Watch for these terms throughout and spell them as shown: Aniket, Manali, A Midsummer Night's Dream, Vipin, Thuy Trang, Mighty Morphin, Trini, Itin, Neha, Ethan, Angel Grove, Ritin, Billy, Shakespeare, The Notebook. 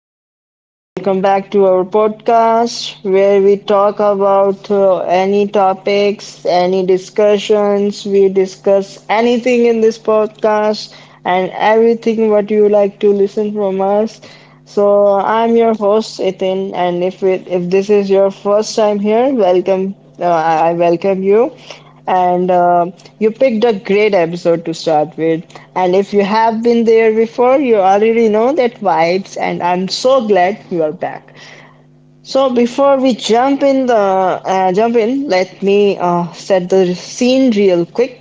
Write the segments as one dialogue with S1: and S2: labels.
S1: up? Welcome back to our podcast where we talk about any topics, any discussions. We discuss anything in this podcast and everything what you like to listen from us. So I'm your host Ethan, and if this is your first time here, welcome. I welcome you. And You picked a great episode to start with. And if you have been there before, you already know that vibes. And I'm so glad you are back. So before we jump in, let me set the scene real quick.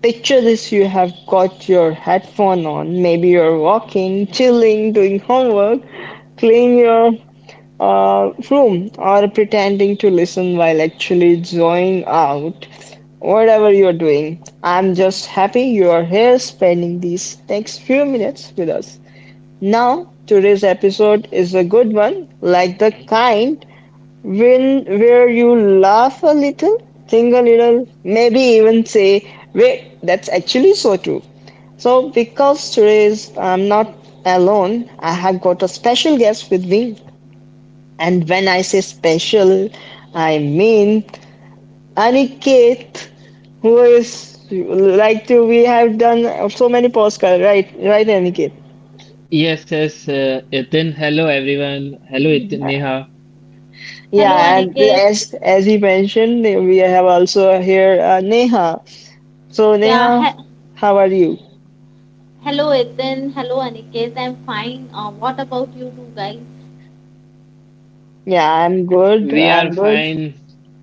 S1: Picture this: you have got your headphone on. Maybe you're walking, chilling, doing homework, clean your room or pretending to listen while actually joining out. Whatever you're doing, I'm just happy you're here spending these next few minutes with us. Now, today's episode is a good one, like the kind when where you laugh a little, think a little, maybe even say, "Wait, that's actually so true." So, because today is I'm not alone, I have got a special guest with me and when I say special, I mean Aniket, who is like to we have done so many podcasts, right? Right, Aniket.
S2: Yes, yes, Itin. Hello, everyone. Hello, Itin, Neha.
S3: Hello,
S1: Yeah, and
S3: Aniket.
S1: as he mentioned, we have also here Neha. So
S3: Yeah,
S1: Neha, how are you?
S3: hello, Ethan. Hello, Aniket. I'm fine. What about you two guys?
S1: Yeah, I'm good.
S2: We are
S1: I'm good.
S2: fine.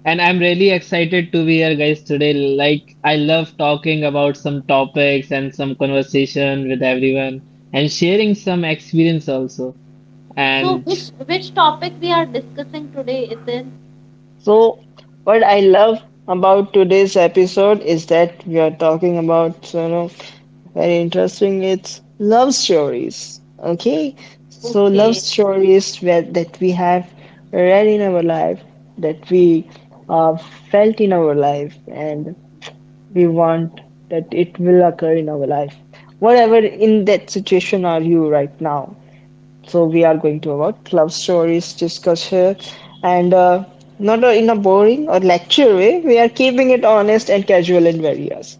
S2: And I'm really excited to be here, guys, today. Like, I love talking about some topics and some conversation with everyone and sharing some experience also.
S3: So,
S2: And
S3: which topic we are discussing today, Ethan?
S1: So, what I love about today's episode is that we are talking about, you know, very interesting. It's love stories. Okay, so love
S3: Okay.
S1: stories where, that we have read in our life, that we felt in our life, and we want that it will occur in our life. Whatever in that situation are you right now? So we are going to about love stories discuss here, and not in a boring or lecture way. We are keeping it honest and casual and various.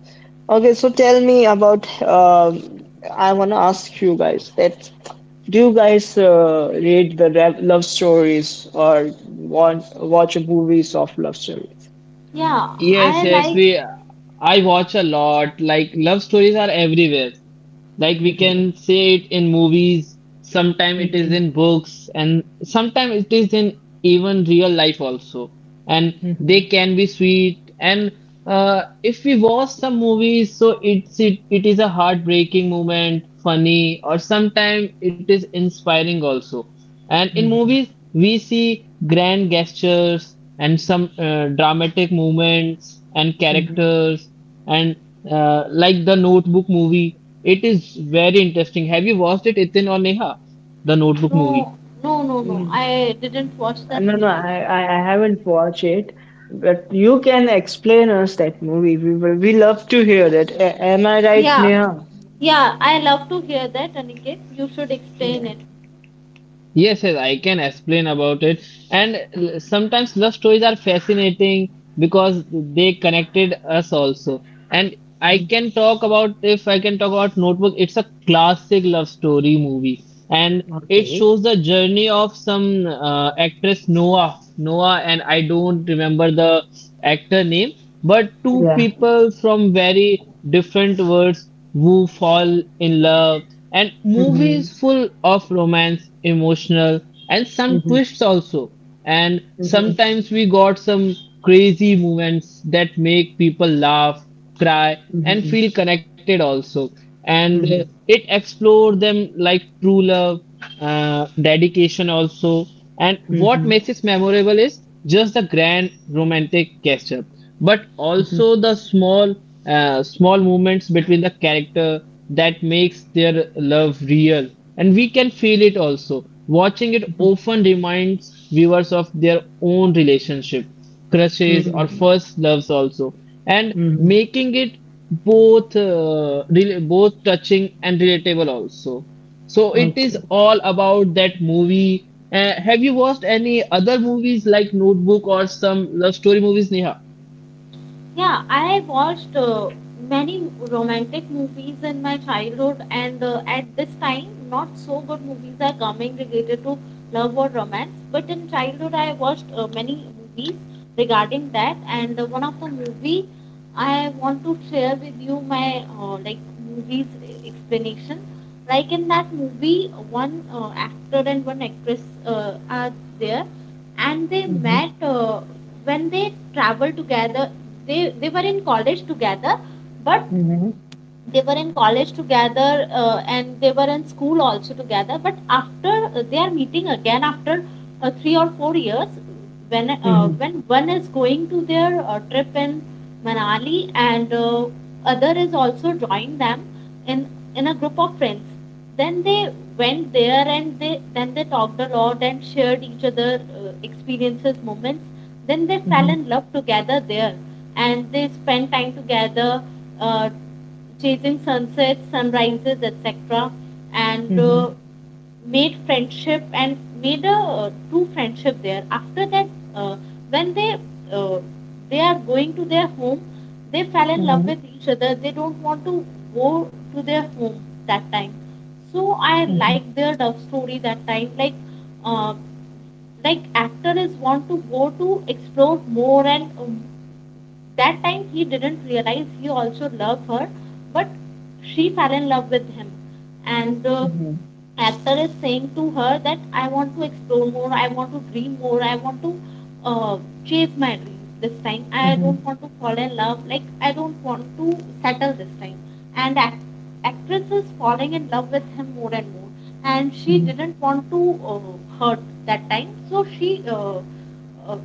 S1: Okay, so tell me about. I want to ask you guys that do you guys read the love stories or want watch movies of love stories?
S3: Yeah,
S2: yes,
S3: I
S2: yes,
S3: like.
S2: we I watch a lot. Like love stories are everywhere. Like we
S1: Mm-hmm.
S2: can say it in movies, sometimes it is
S1: Mm-hmm.
S2: in books, and sometimes it is in even real life also. And they can be sweet. And if we watch some movies, so it is a heartbreaking moment, funny, or sometimes it is inspiring also. And in
S1: Mm-hmm.
S2: movies, we see grand gestures and some dramatic movements and
S1: Mm-hmm.
S2: characters, and like the Notebook movie. It is very interesting. Have you watched it, Itin or Neha? The Notebook
S3: No,
S2: movie.
S3: no, no, no. I didn't watch that
S1: No, no,
S3: movie.
S1: I haven't watched it, but you can explain us that movie. We will, we love to hear that. Am I right,
S3: Yeah,
S1: Neha?
S3: yeah. I love to hear that, Aniket. You should explain
S1: Yeah.
S3: it.
S2: Yes, yes, I can explain about it. And sometimes love stories are fascinating because they connected us also. And I
S1: Mhm.
S2: can talk about, if I can talk about Notebook, it's a classic love story movie. And it
S1: Okay.
S2: shows the journey of some actress Noah. Noah, and I don't remember the actor name, but two
S1: Yeah.
S2: people from very different worlds who fall in love, and
S1: Mm-hmm.
S2: movies full of romance, emotional, and some
S1: Mm-hmm.
S2: twists also. And
S1: Mm-hmm.
S2: sometimes we got some crazy moments that make people laugh, cry, and
S1: Mm-hmm.
S2: feel connected also. And
S1: Mm-hmm.
S2: it explored them like true love, dedication also. And what
S1: Mm-hmm.
S2: makes it memorable is just the grand romantic gesture, but also the small movements between the character that makes their love real and we can feel it also. Watching it
S1: Mm-hmm.
S2: often reminds viewers of their own relationship crushes or
S1: Mm-hmm.
S2: first loves also, and
S1: Mm-hmm.
S2: making it both both touching and relatable also. So it is
S1: Okay.
S2: all about that movie. Have you watched any other movies like Notebook or some love story movies, Neha?
S3: Yeah, I watched many romantic movies in my childhood, and at this time, not so good movies are coming related to love or romance. But in childhood, I watched many movies regarding that, and one of the movie I want to share with you my like movies explanation. Like in that movie, one actor and one actress are there, and they
S1: Mm-hmm.
S3: met when they traveled together, they were in college together, but
S1: Mm-hmm.
S3: they were in college together and they were in school also together, but after they are meeting again after 3 or 4 years
S1: Mm-hmm.
S3: when one is going to their trip in Manali, and other is also joined them in in a group of friends. Then they went there, and they then they talked a lot and shared each other experiences, moments. Then they fell
S1: Mm-hmm.
S3: in love together there, and they spent time together. Uh, Chasing sunsets, sunrises, etc. And
S1: Mm-hmm.
S3: made friendship and made a true friendship there. After that, uh, when uh, they are going to their home, they fell in love
S1: Mm-hmm.
S3: with each other, they don't want to go to their home that time. So I
S1: Mm-hmm. Mm-hmm.
S3: like their love story that time, uh, like actor is want to go to explore more, and that time he didn't realize he also loved her, but she fell in love with him. And actor is saying to her that I want to explore more, I want to dream more, I want to uh, chase my dream this time.
S1: Mm-hmm.
S3: I
S1: Mm-hmm. Mm-hmm.
S3: don't want to fall in love, like I don't want to settle this time. And actress is falling in love with him more and more, and she
S1: Mm-hmm.
S3: didn't want to hurt that time, so uh,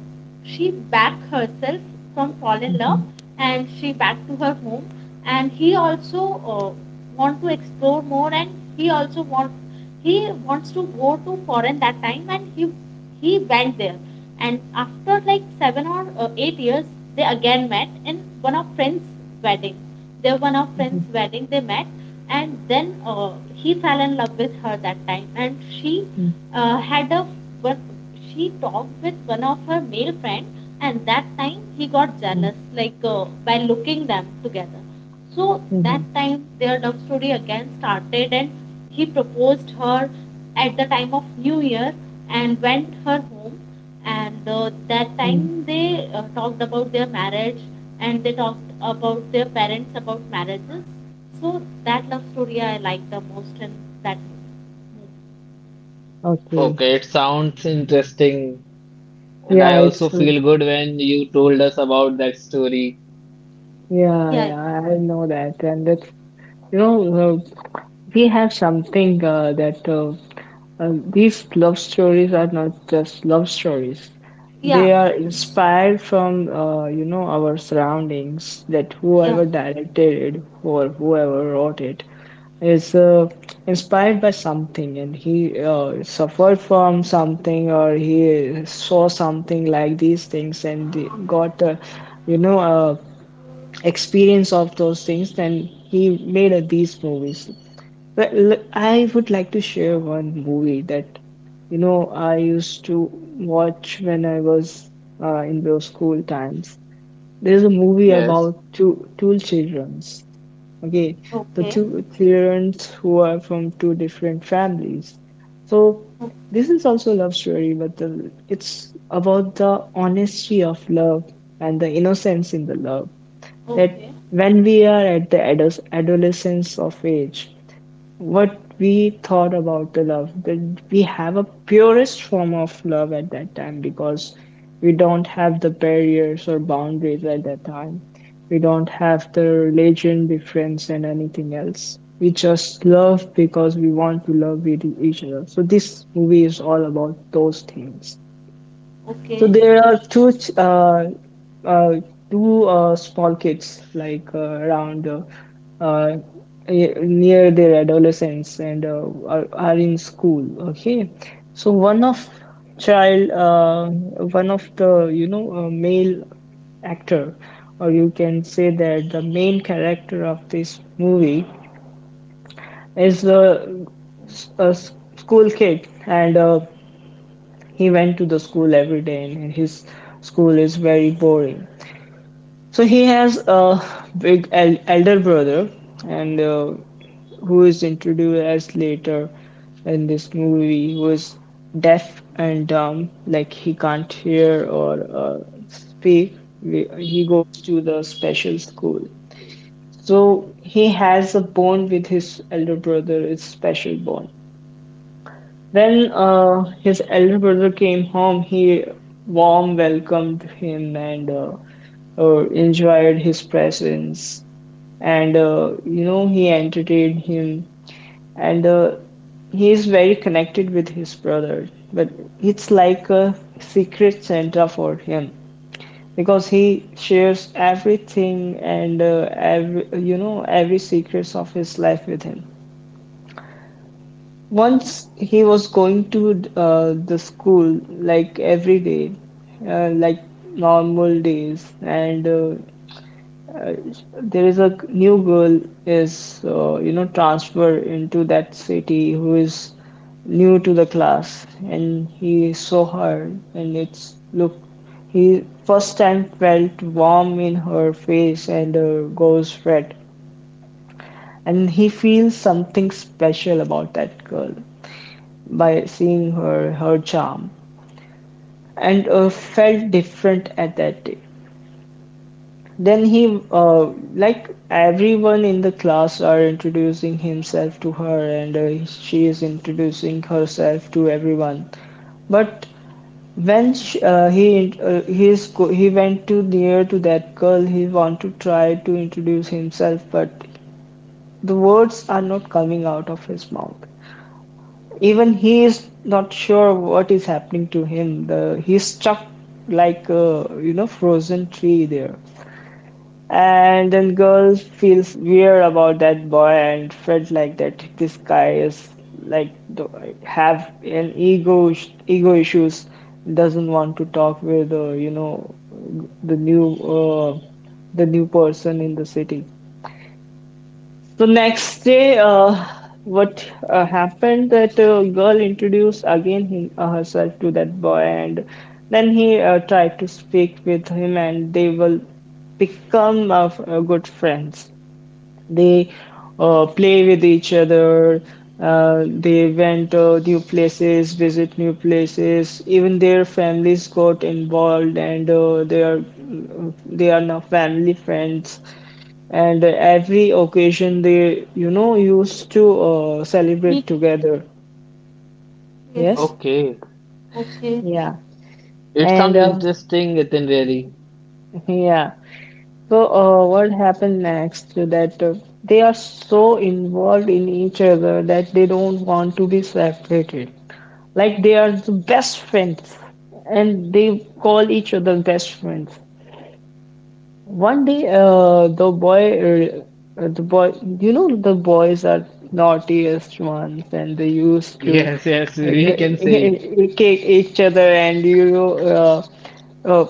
S3: she back herself from fall in love,
S1: Mm-hmm.
S3: and she back to her home. And he also uh, want to explore more, and he also want he wants to go to foreign that time, and he went there. And after like 7 or 8 years they again met in one of friends wedding, they one of
S1: Mm-hmm.
S3: friends wedding they met. And then he fell in love with her that time, and she had a but she talked with one of her male friend, and that time he got jealous, like by looking them together. So that
S1: Mm-hmm.
S3: time their love story again started, and he proposed her at the time of New Year, and went her home. And that time
S1: Mm-hmm.
S3: they talked about their marriage, and they talked about their parents about marriages. So that love story I like the most in that movie.
S1: Okay.
S2: Okay, it sounds interesting. And
S1: Yeah,
S2: I
S1: it's.
S2: also feel good when you told us about that story.
S1: Yeah,
S3: Yeah,
S1: yeah, I know that, and that's, you know, we have something that these love stories are not just love stories;
S3: yeah,
S1: they are inspired from, you know, our surroundings. That
S3: yeah.
S1: whoever directed it or whoever wrote it is inspired by something, and he suffered from something or he saw something like these things and got you know experience of those things, then he made these movies. But I would like to share one movie that, you know, I used to watch when I was in those school times. There's a movie
S2: Yes.
S1: about two childrens. Okay, the
S3: Okay,
S1: two childrens who are from two different families. So
S3: O-
S1: this is also a love story, but it's about the honesty of love and the innocence in the love, that
S3: okay,
S1: when we are at the adolescence of age, what we thought about the love, that we have a purest form of love at that time because we don't have the barriers or boundaries at that time. We don't have the religion difference and anything else. We just love because we want to love with each other. So this movie is all about those things. So
S3: okay.
S1: there are uh, two small kids like uh, near their adolescence and are in school. Okay, so one of child, one of the, you know, male actor, or you can say that the main character of this movie is a school kid and. He went to the school every day and his school is very boring, so he has a big elder brother, and who is introduced as later in this movie, who is deaf and dumb, like he can't hear or uh, speak. He goes to the special school, so he has a bond with his elder brother. It's special bond. When his elder brother came home, he warm welcomed him and enjoyed his presence. And, you know, he entertained him, and he is very connected with his brother. But it's like a secret Santa for him because he shares everything and every, you know, every secrets of his life with him. Once he was going to the school like every day, like normal days, and there is a new girl is, you know, transfer into that city, who is new to the class, and he saw her, and it's look he first time felt warm in her face and goes red, and he feels something special about that girl by seeing her charm and felt different at that day. Then he like everyone in the class are introducing himself to her and she is introducing herself to everyone. But when sh he, he went too near to that girl, he wanted to try to introduce himself, but the words are not coming out of his mouth. Even he is not sure what is happening to him. The he's stuck like a, you know, frozen tree there. And then girl feels weird about that boy and felt like that this guy is like the, have an ego ego issues, doesn't want to talk with, you know, the new uh, the new person in the city. So next day, what happened that girl introduced again him, herself to that boy, and then he tried to speak with him, and they will become good friends. They play with each other. They went new places, visit new places. Even their families got involved, and they are now family friends, and every occasion they, you know, used to celebrate
S3: Meet,
S1: together.
S3: yes,
S1: Yes.
S2: Okay.
S3: okay.
S1: Yeah,
S2: It
S1: and
S2: sounds interesting, Nitin, really.
S1: yeah. So what happened next to that they are so involved in each other that they don't want to be separated, like they are the best friends, and they call each other best friends. One day, the boy, you know, the boys are naughtiest ones, and they used to
S2: Yes, yes, we can say it.
S1: kick each other, and, you know, uh,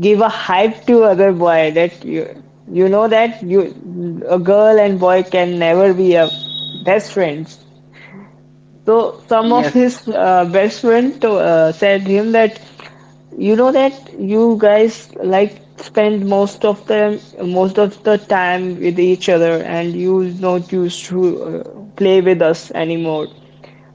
S1: give a hype to other boy that you know that you, a girl and boy can never be a best friends. So some of
S2: Yes.
S1: his best friend to, said him that. You know that you guys like spend most of the time with each other, and you not used to play with us anymore.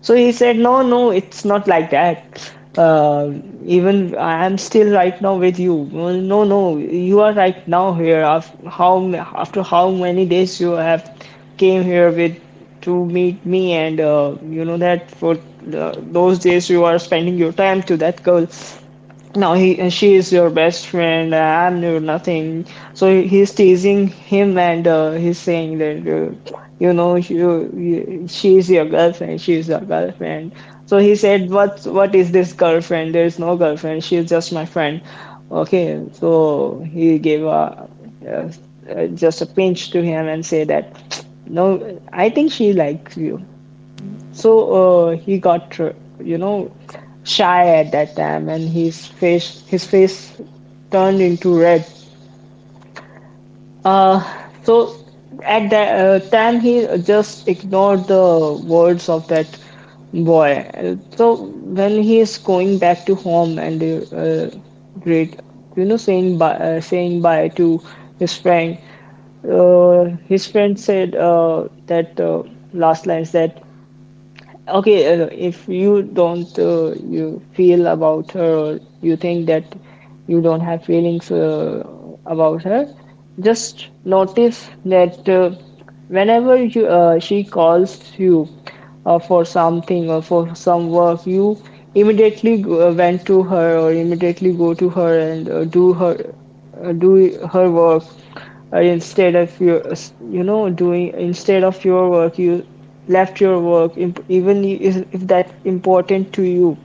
S1: So he said, "No, no, it's not like that. Even I am still right now with you. No, no, no, you are right now here. After how many days you have came here with to meet me, and, you know that for those days you are spending your time to that girl. No, he she is your best friend. I knew nothing." So he's teasing him, and he's saying that, you know, you she is your girlfriend. She is your girlfriend. So he said, what is this girlfriend? There is no girlfriend. She is just my friend." Okay, so he gave uh just a pinch to him and say that, "No, I think she likes you." So he got, you know, shy at that time, and his face turned into red. Uh, so at that time, he just ignored the words of that boy. So when he is going back to home and uh, great, saying bye to his friend, his friend said that last lines that okay, if you don't you feel about her or you think that you don't have feelings about her, just notice that whenever she calls you for something or for some work, you immediately went to her or immediately go to her and do her do her work instead of your doing instead of your work you left your work if that important to you,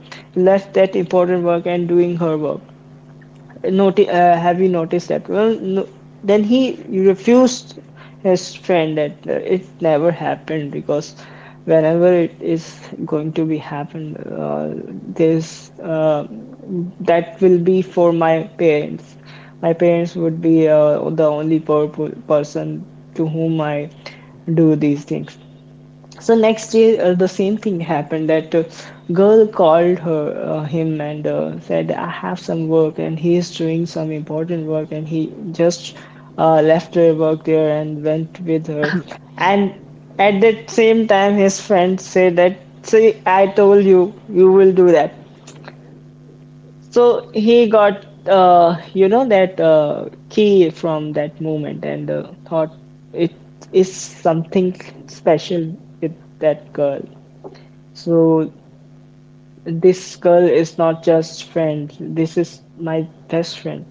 S1: left that important work and doing her work. Have you noticed that? Well, no. Then he refused his friend that it never happened because whenever it is going to be happen, there's that will be for my parents. My parents would be the person to whom I do these things. So next day, the same thing happened that girl called her him and said I have some work, and he is doing some important work, and he just left her work there and went with her. And at that same time, his friend said that see, I told you you will do that. So he got that key from that moment and thought it is something special with that girl. So this girl is not just friend. This is my best friend.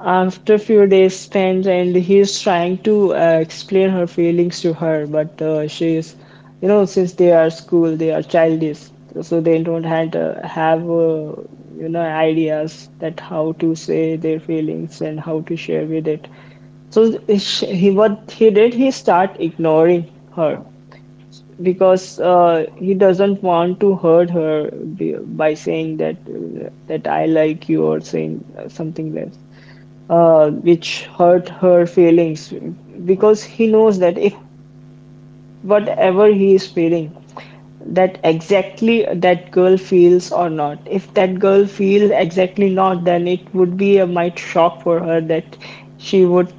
S1: After few days spent, and he is trying to explain her feelings to her, but she is, since they are school, they are childish, so they don't had, have, ideas that how to say their feelings and how to share with it. So he, what he did, he start ignoring her because he doesn't want to hurt her by saying that that I like you, or saying something less, which hurt her feelings. Because he knows that if whatever he is feeling, that exactly that girl feels or not. If that girl feels exactly not, then it would be a might shock for her that she would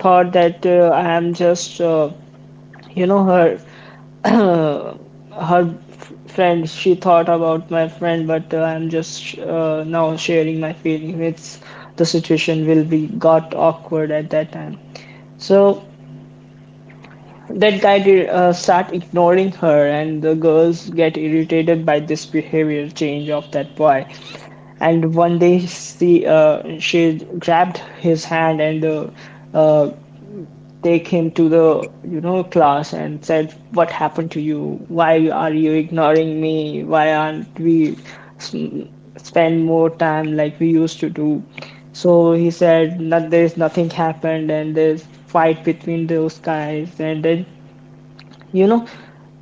S1: thought that I am just her uh, her friend, she thought about my friend, but I'm just now sharing my feelings. It's the situation will be got awkward at that time. So that guy did start ignoring her, and the girls get irritated by this behavior change of that boy. And one day, she grabbed his hand and uh, take him to the class and said what happened to you, why are you ignoring me, why aren't we spend more time like we used to do. So he said that there's nothing happened and there's fight between those guys. And then, you know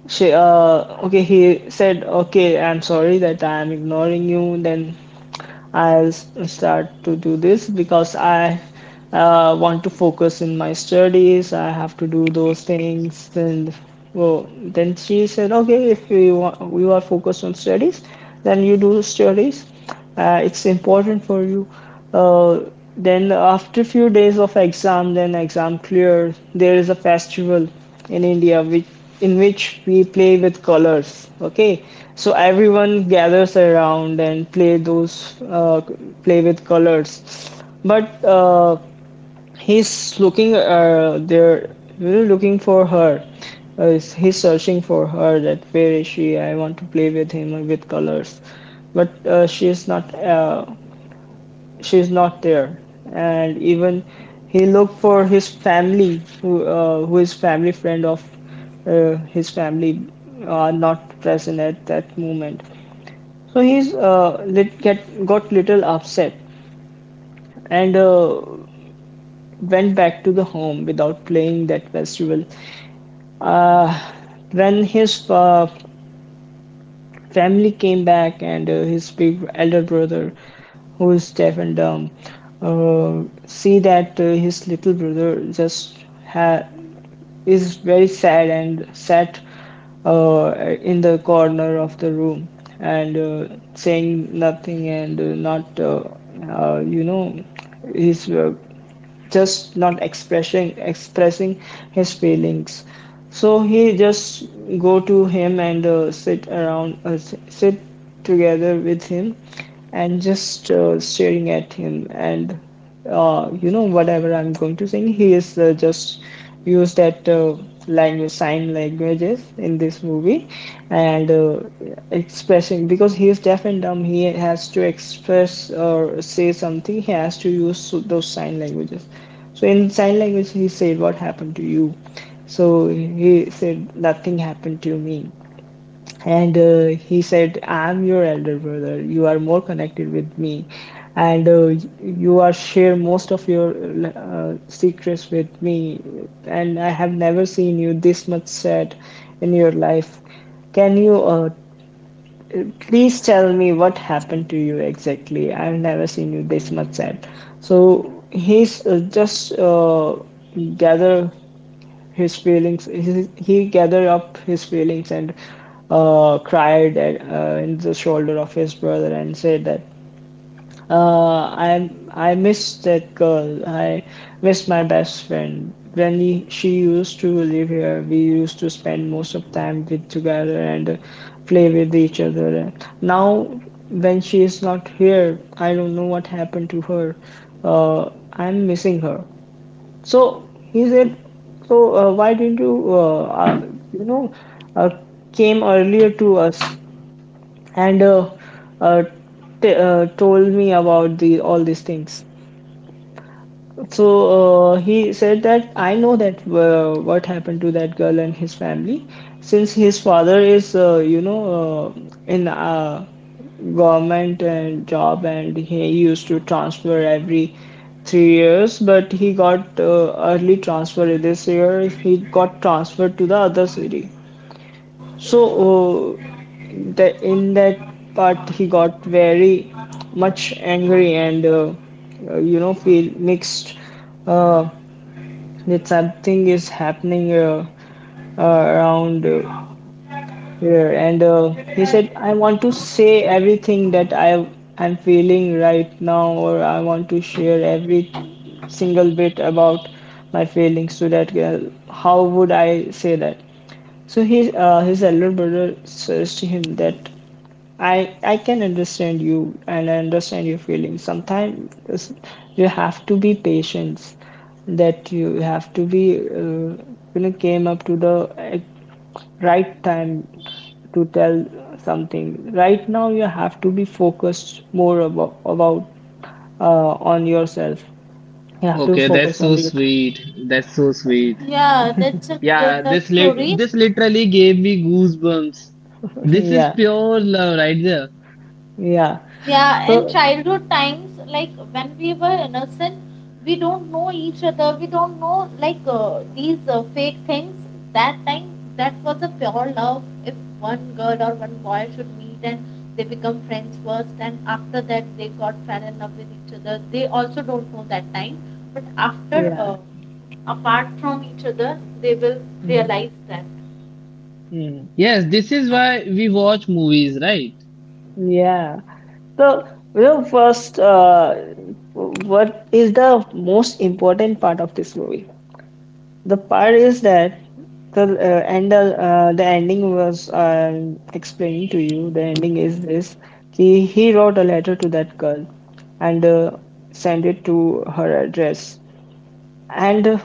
S1: she okay, he said okay, I'm sorry that I'm ignoring you, then I'll start to do this because I want to focus in my studies. I have to do those things. And well, then she said, okay, if you want, you are focused on studies, then you do studies. It's important for you. Uh, then after few days of exam, then exam clear. There is a festival in India, which in which we play with colors. Okay, so everyone gathers around and play those play with colors. But he's looking there, really looking for her. He's searching for her. That where is she? I want to play with him with colors, but she is not. She's not there. And even he looked for his family who is family friend of his family are not present at that moment. So he's lit, get got little upset and went back to the home without playing that festival. uh, when his family came back, and his big elder brother who is deaf and dumb see that his little brother is very sad and sat uh, in the corner of the room and saying nothing and not uh, you know his. Just not expressing his feelings. So he just go to him and sit around sit together with him, and just staring at him. And whatever I'm going to sing, he is just use that language, sign languages in this movie. And expressing, because he is deaf and dumb, he has to express or say something, he has to use those sign languages. So in sign language he said what happened to you. So he said nothing happened to me. And he said, I'm your elder brother. You are more connected with me. And you are share most of your secrets with me. And I have never seen you this much sad in your life. Can you please tell me what happened to you exactly? I've never seen you this much sad. So he's just gather his feelings, he gathered up his feelings and cried in the shoulder of his brother and said that, I miss that girl, I miss my best friend, when she used to live here we used to spend most of time with together and play with each other. Now when she is not here I don't know what happened to her. I'm missing her. So he said, why didn't you uh, came earlier to us and uh, t told me about the all these things? So he said that I know that what happened to that girl and his family, since his father is uh, in a government and job, and he used to transfer every 3 years, but he got early transfer this year. He got transferred to the other city. So, uh, in that part, he got very much angry and feel mixed uh, that something is happening around here. And he said, "I want to say everything that I am feeling right now, or I want to share every single bit about my feelings to that girl. How would I say that?" So his elder brother says to him that I can understand you and I understand your feelings. Sometimes you have to be patient. That you have to be came up to the right time to tell something. Right now you have to be focused more about on yourself. You have to
S2: Okay, that's
S1: focus on
S2: so
S1: your
S2: sweet. That's so sweet.
S3: Yeah, that's a
S2: Yeah,
S3: good love
S2: this lit
S3: story.
S2: this literally gave me goosebumps. This is
S1: yeah
S2: pure love right there.
S1: yeah.
S3: Yeah, in
S1: So
S3: childhood times, like when we were innocent, we don't know each other. We don't know like these fake things. That time, that was a pure love. If one girl or one boy should meet and they become friends first, and after that they got fell in love with each other. They also don't know that time, but after
S1: yeah.
S3: apart from each other, they will realize that
S1: Hmm.
S2: Yes, this is why we watch movies, right?
S1: Yeah. So, first, what is the most important part of this movie? The part is that the ending was explaining to you. The ending is this: he wrote a letter to that girl, and sent it to her address. And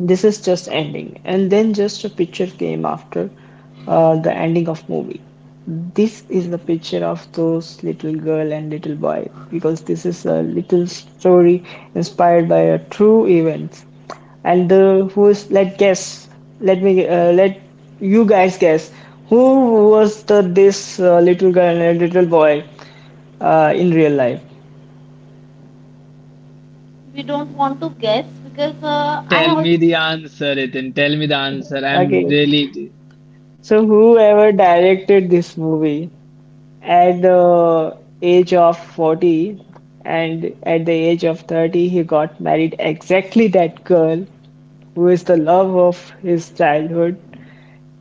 S1: this is just ending, and then just a picture came after the ending of movie. This is the picture of those little girl and little boy, because this is a little story inspired by a true event. And the who is, let guess, let me let you guys guess who was the this little girl and little boy in real life.
S3: we don't want to guess because I
S2: Tell me
S3: also
S2: the answer, Ethan. Tell me the answer. I'm
S1: Okay,
S2: really.
S1: so whoever directed this movie at the age of 40 and at the age of 30, he got married exactly that girl who is the love of his childhood.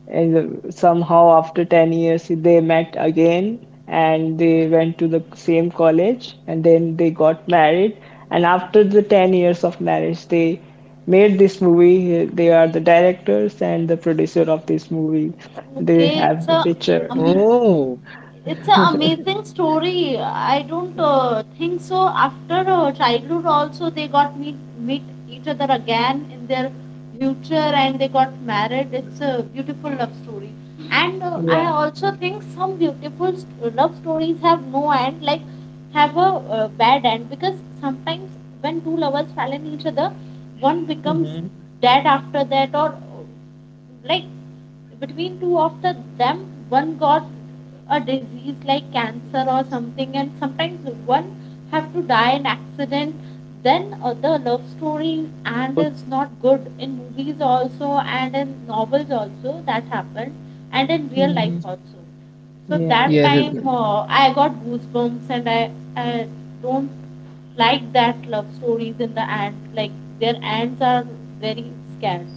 S1: And somehow, after 10 years, they met again and they went to the same college and then they got married. And after the 10 years of marriage, they made this movie. They are the directors and the producer of this movie. They
S3: okay.
S1: have the picture.
S3: Amazing
S2: Oh,
S3: it's an amazing story. I don't think so. After childhood also they got meet each other again in their future, and they got married. It's a beautiful love story. And I
S1: Yeah.
S3: also think some beautiful love stories have no end, like have a bad end. Because sometimes when two lovers fall in each other, one becomes
S1: Hmm.
S3: dead after that. Or like between two of the them, one got a disease like cancer or something, and sometimes one have to die in accident. Then the love story and is not good in movies also, and in novels also that happened, and in real life also. So
S1: Yeah,
S3: that
S2: yes,
S1: I, I
S3: time
S1: get-
S2: Ethan.
S3: I got goosebumps, and I don't like that love stories in the end, like their ends are very scared.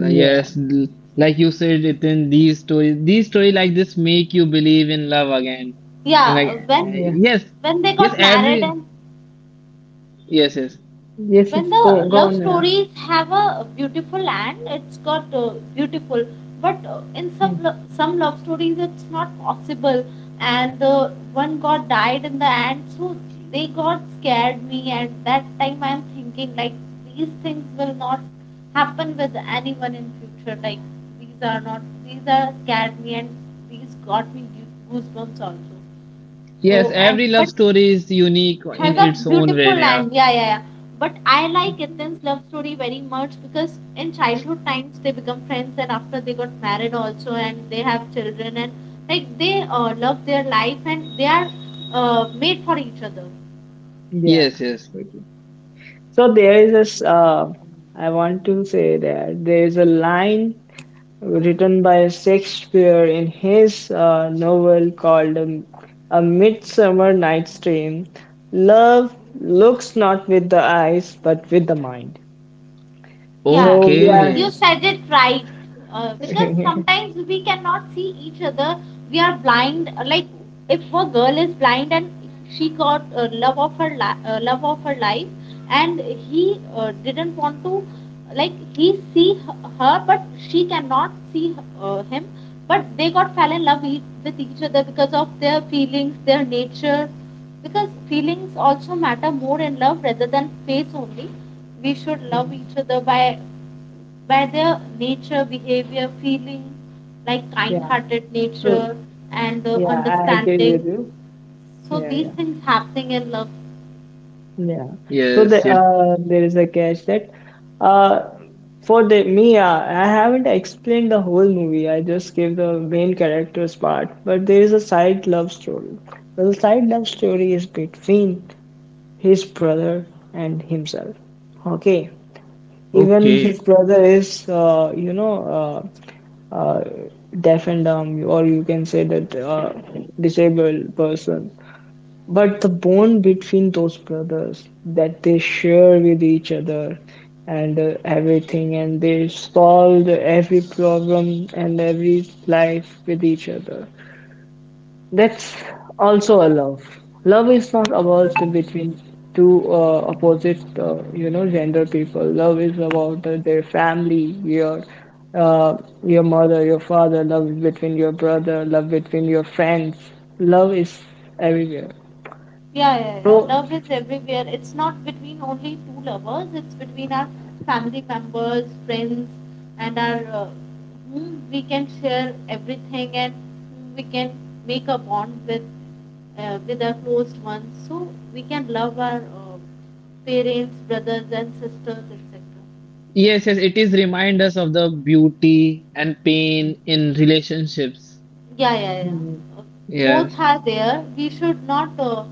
S2: Yes, like you said, Ritin, these stories, these story like this make you believe in love again. And like,
S3: Yeah, when
S1: yeah.
S2: yes,
S3: when they
S2: yes,
S3: got married,
S2: every,
S3: and
S2: yes, yes,
S1: Yes,
S3: when
S1: it's
S3: the
S1: go
S3: love
S1: on. Yeah.
S3: stories have a beautiful end, it's got beautiful. But in some
S1: Mm,
S3: some love stories it's not possible, and the one got died in the end. So they got scared me, and that time I'm thinking like these things will not happen with anyone in future, like these are not these are scared me. And these got me goosebumps also. So
S2: yes,
S3: and
S2: every
S3: but
S2: love story is unique in
S3: has a
S2: its own
S3: beautiful
S2: way. Yeah.
S3: land. Yeah, yeah, yeah. But I like Ethan's love story very much because in childhood times they become friends, and after they got married also, and they have children, and like they love their life, and they are made for each other.
S1: yeah.
S2: Yes, yes.
S1: Totally. So there is this. I want to say that there is a line written by Shakespeare in his novel called A Midsummer Night's Dream. Love looks not with the eyes, but with the mind.
S3: Yeah,
S1: So we
S3: you
S1: are.
S3: you
S2: Okay.
S3: said it right. Because sometimes we cannot see each other. We are blind. Like if a girl is blind and she got love of her love of her life, and he didn't want to, like he see her, but she cannot see him. But they got fell in love with each other because of their feelings, their nature, because feelings also matter more in love rather than face only. We should love
S1: Mm,
S3: each other by their nature, behavior, feeling, like
S1: yeah.
S3: kind-hearted
S1: So
S3: nature and the
S1: yeah, I agree
S3: understanding.
S1: with you.
S3: So
S1: Yeah,
S3: these
S1: yeah,
S3: things happening in love.
S1: yeah. So
S2: Yes, it,
S1: there is a catch that uh for the me I haven't explained the whole movie. I just gave the main characters part, but there is a side love story. Well, side love story is between his brother and himself. Okay, even his
S2: okay.
S1: brother is uh uh deaf and dumb, or you can say that disabled person. But the bond between those brothers that they share with each other and everything, and they solved every problem and every life with each other. That's also a love. Love is not about the between two opposite, gender people. Love is about their family, uh, your mother, your father. Love is between your brother. Love between your friends. Love is everywhere.
S3: Yeah, yeah, yeah.
S1: So
S3: Love is everywhere. It's not between only two lovers. It's between our family members, friends, and our whom we can share everything, and whom we can make a bond with our closed ones. So we can love our parents, brothers, and sisters, etc.
S2: Yes, yes, it is remind us of the beauty and pain in relationships.
S3: Yeah, yeah,
S1: mhm.
S3: yeah. Both
S2: Yes.
S3: are there. We should not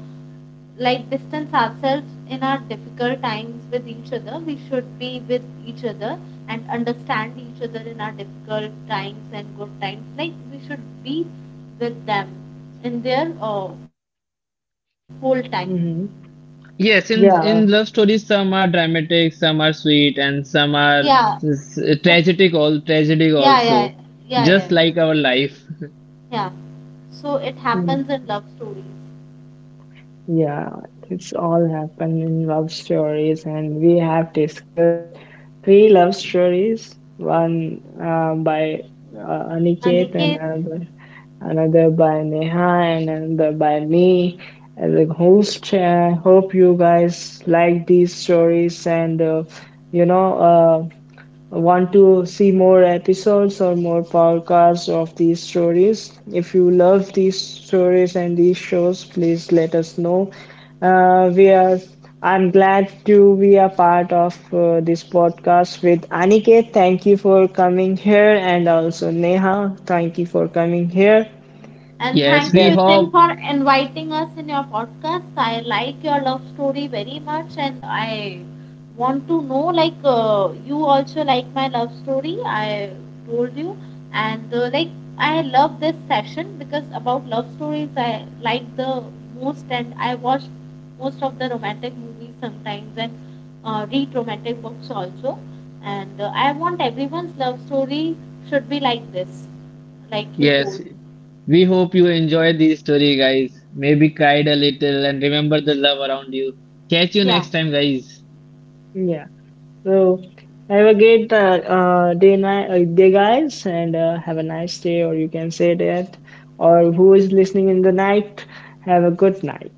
S3: like distance ourselves in our difficult times with each other, we should be with each other and understand each other in our difficult times and good times, like we should be with them in their whole time.
S1: Mhm.
S2: Yes, in
S1: Yeah.
S2: love stories, some are dramatic, some are sweet, and some are
S3: Yeah. So,
S2: tragic. All tragic
S3: yeah, yeah, yeah,
S2: also,
S3: yeah, yeah,
S2: just like our life.
S3: yeah. So it
S1: Mm.
S3: happens in love stories.
S1: Yeah. It's all happened in love stories, and we have discussed three love stories. One by Aniket, and
S3: Aniket.
S1: another by Neha, and another by me as a host. I hope you guys like these stories, and you know. Uh, want to see more episodes or more podcasts of these stories? If you love these stories and these shows, please let us know. We are. I'm glad to be a part of this podcast with Aniket. Thank you for coming here, and also Neha. Thank you for coming here.
S3: And
S2: Yes,
S3: thank you,
S2: we
S1: Then,
S3: Vipin,
S2: hope.
S3: for inviting us in your podcast. I like your love story very much, and I want to know like you also like my love story. I told you, and like I love this session because about love stories I like the most, and I watch most of the romantic movies sometimes, and read romantic books also. And I want everyone's love story should be like this, like you
S2: Yes,
S3: told.
S2: we hope you enjoyed this story, guys. Maybe cried a little and remember the love around you. Catch you
S3: Yeah.
S2: next time, guys.
S1: yeah. So have a great day, guys, and have a nice day, or you can say that, or who is listening in the night, have a good night.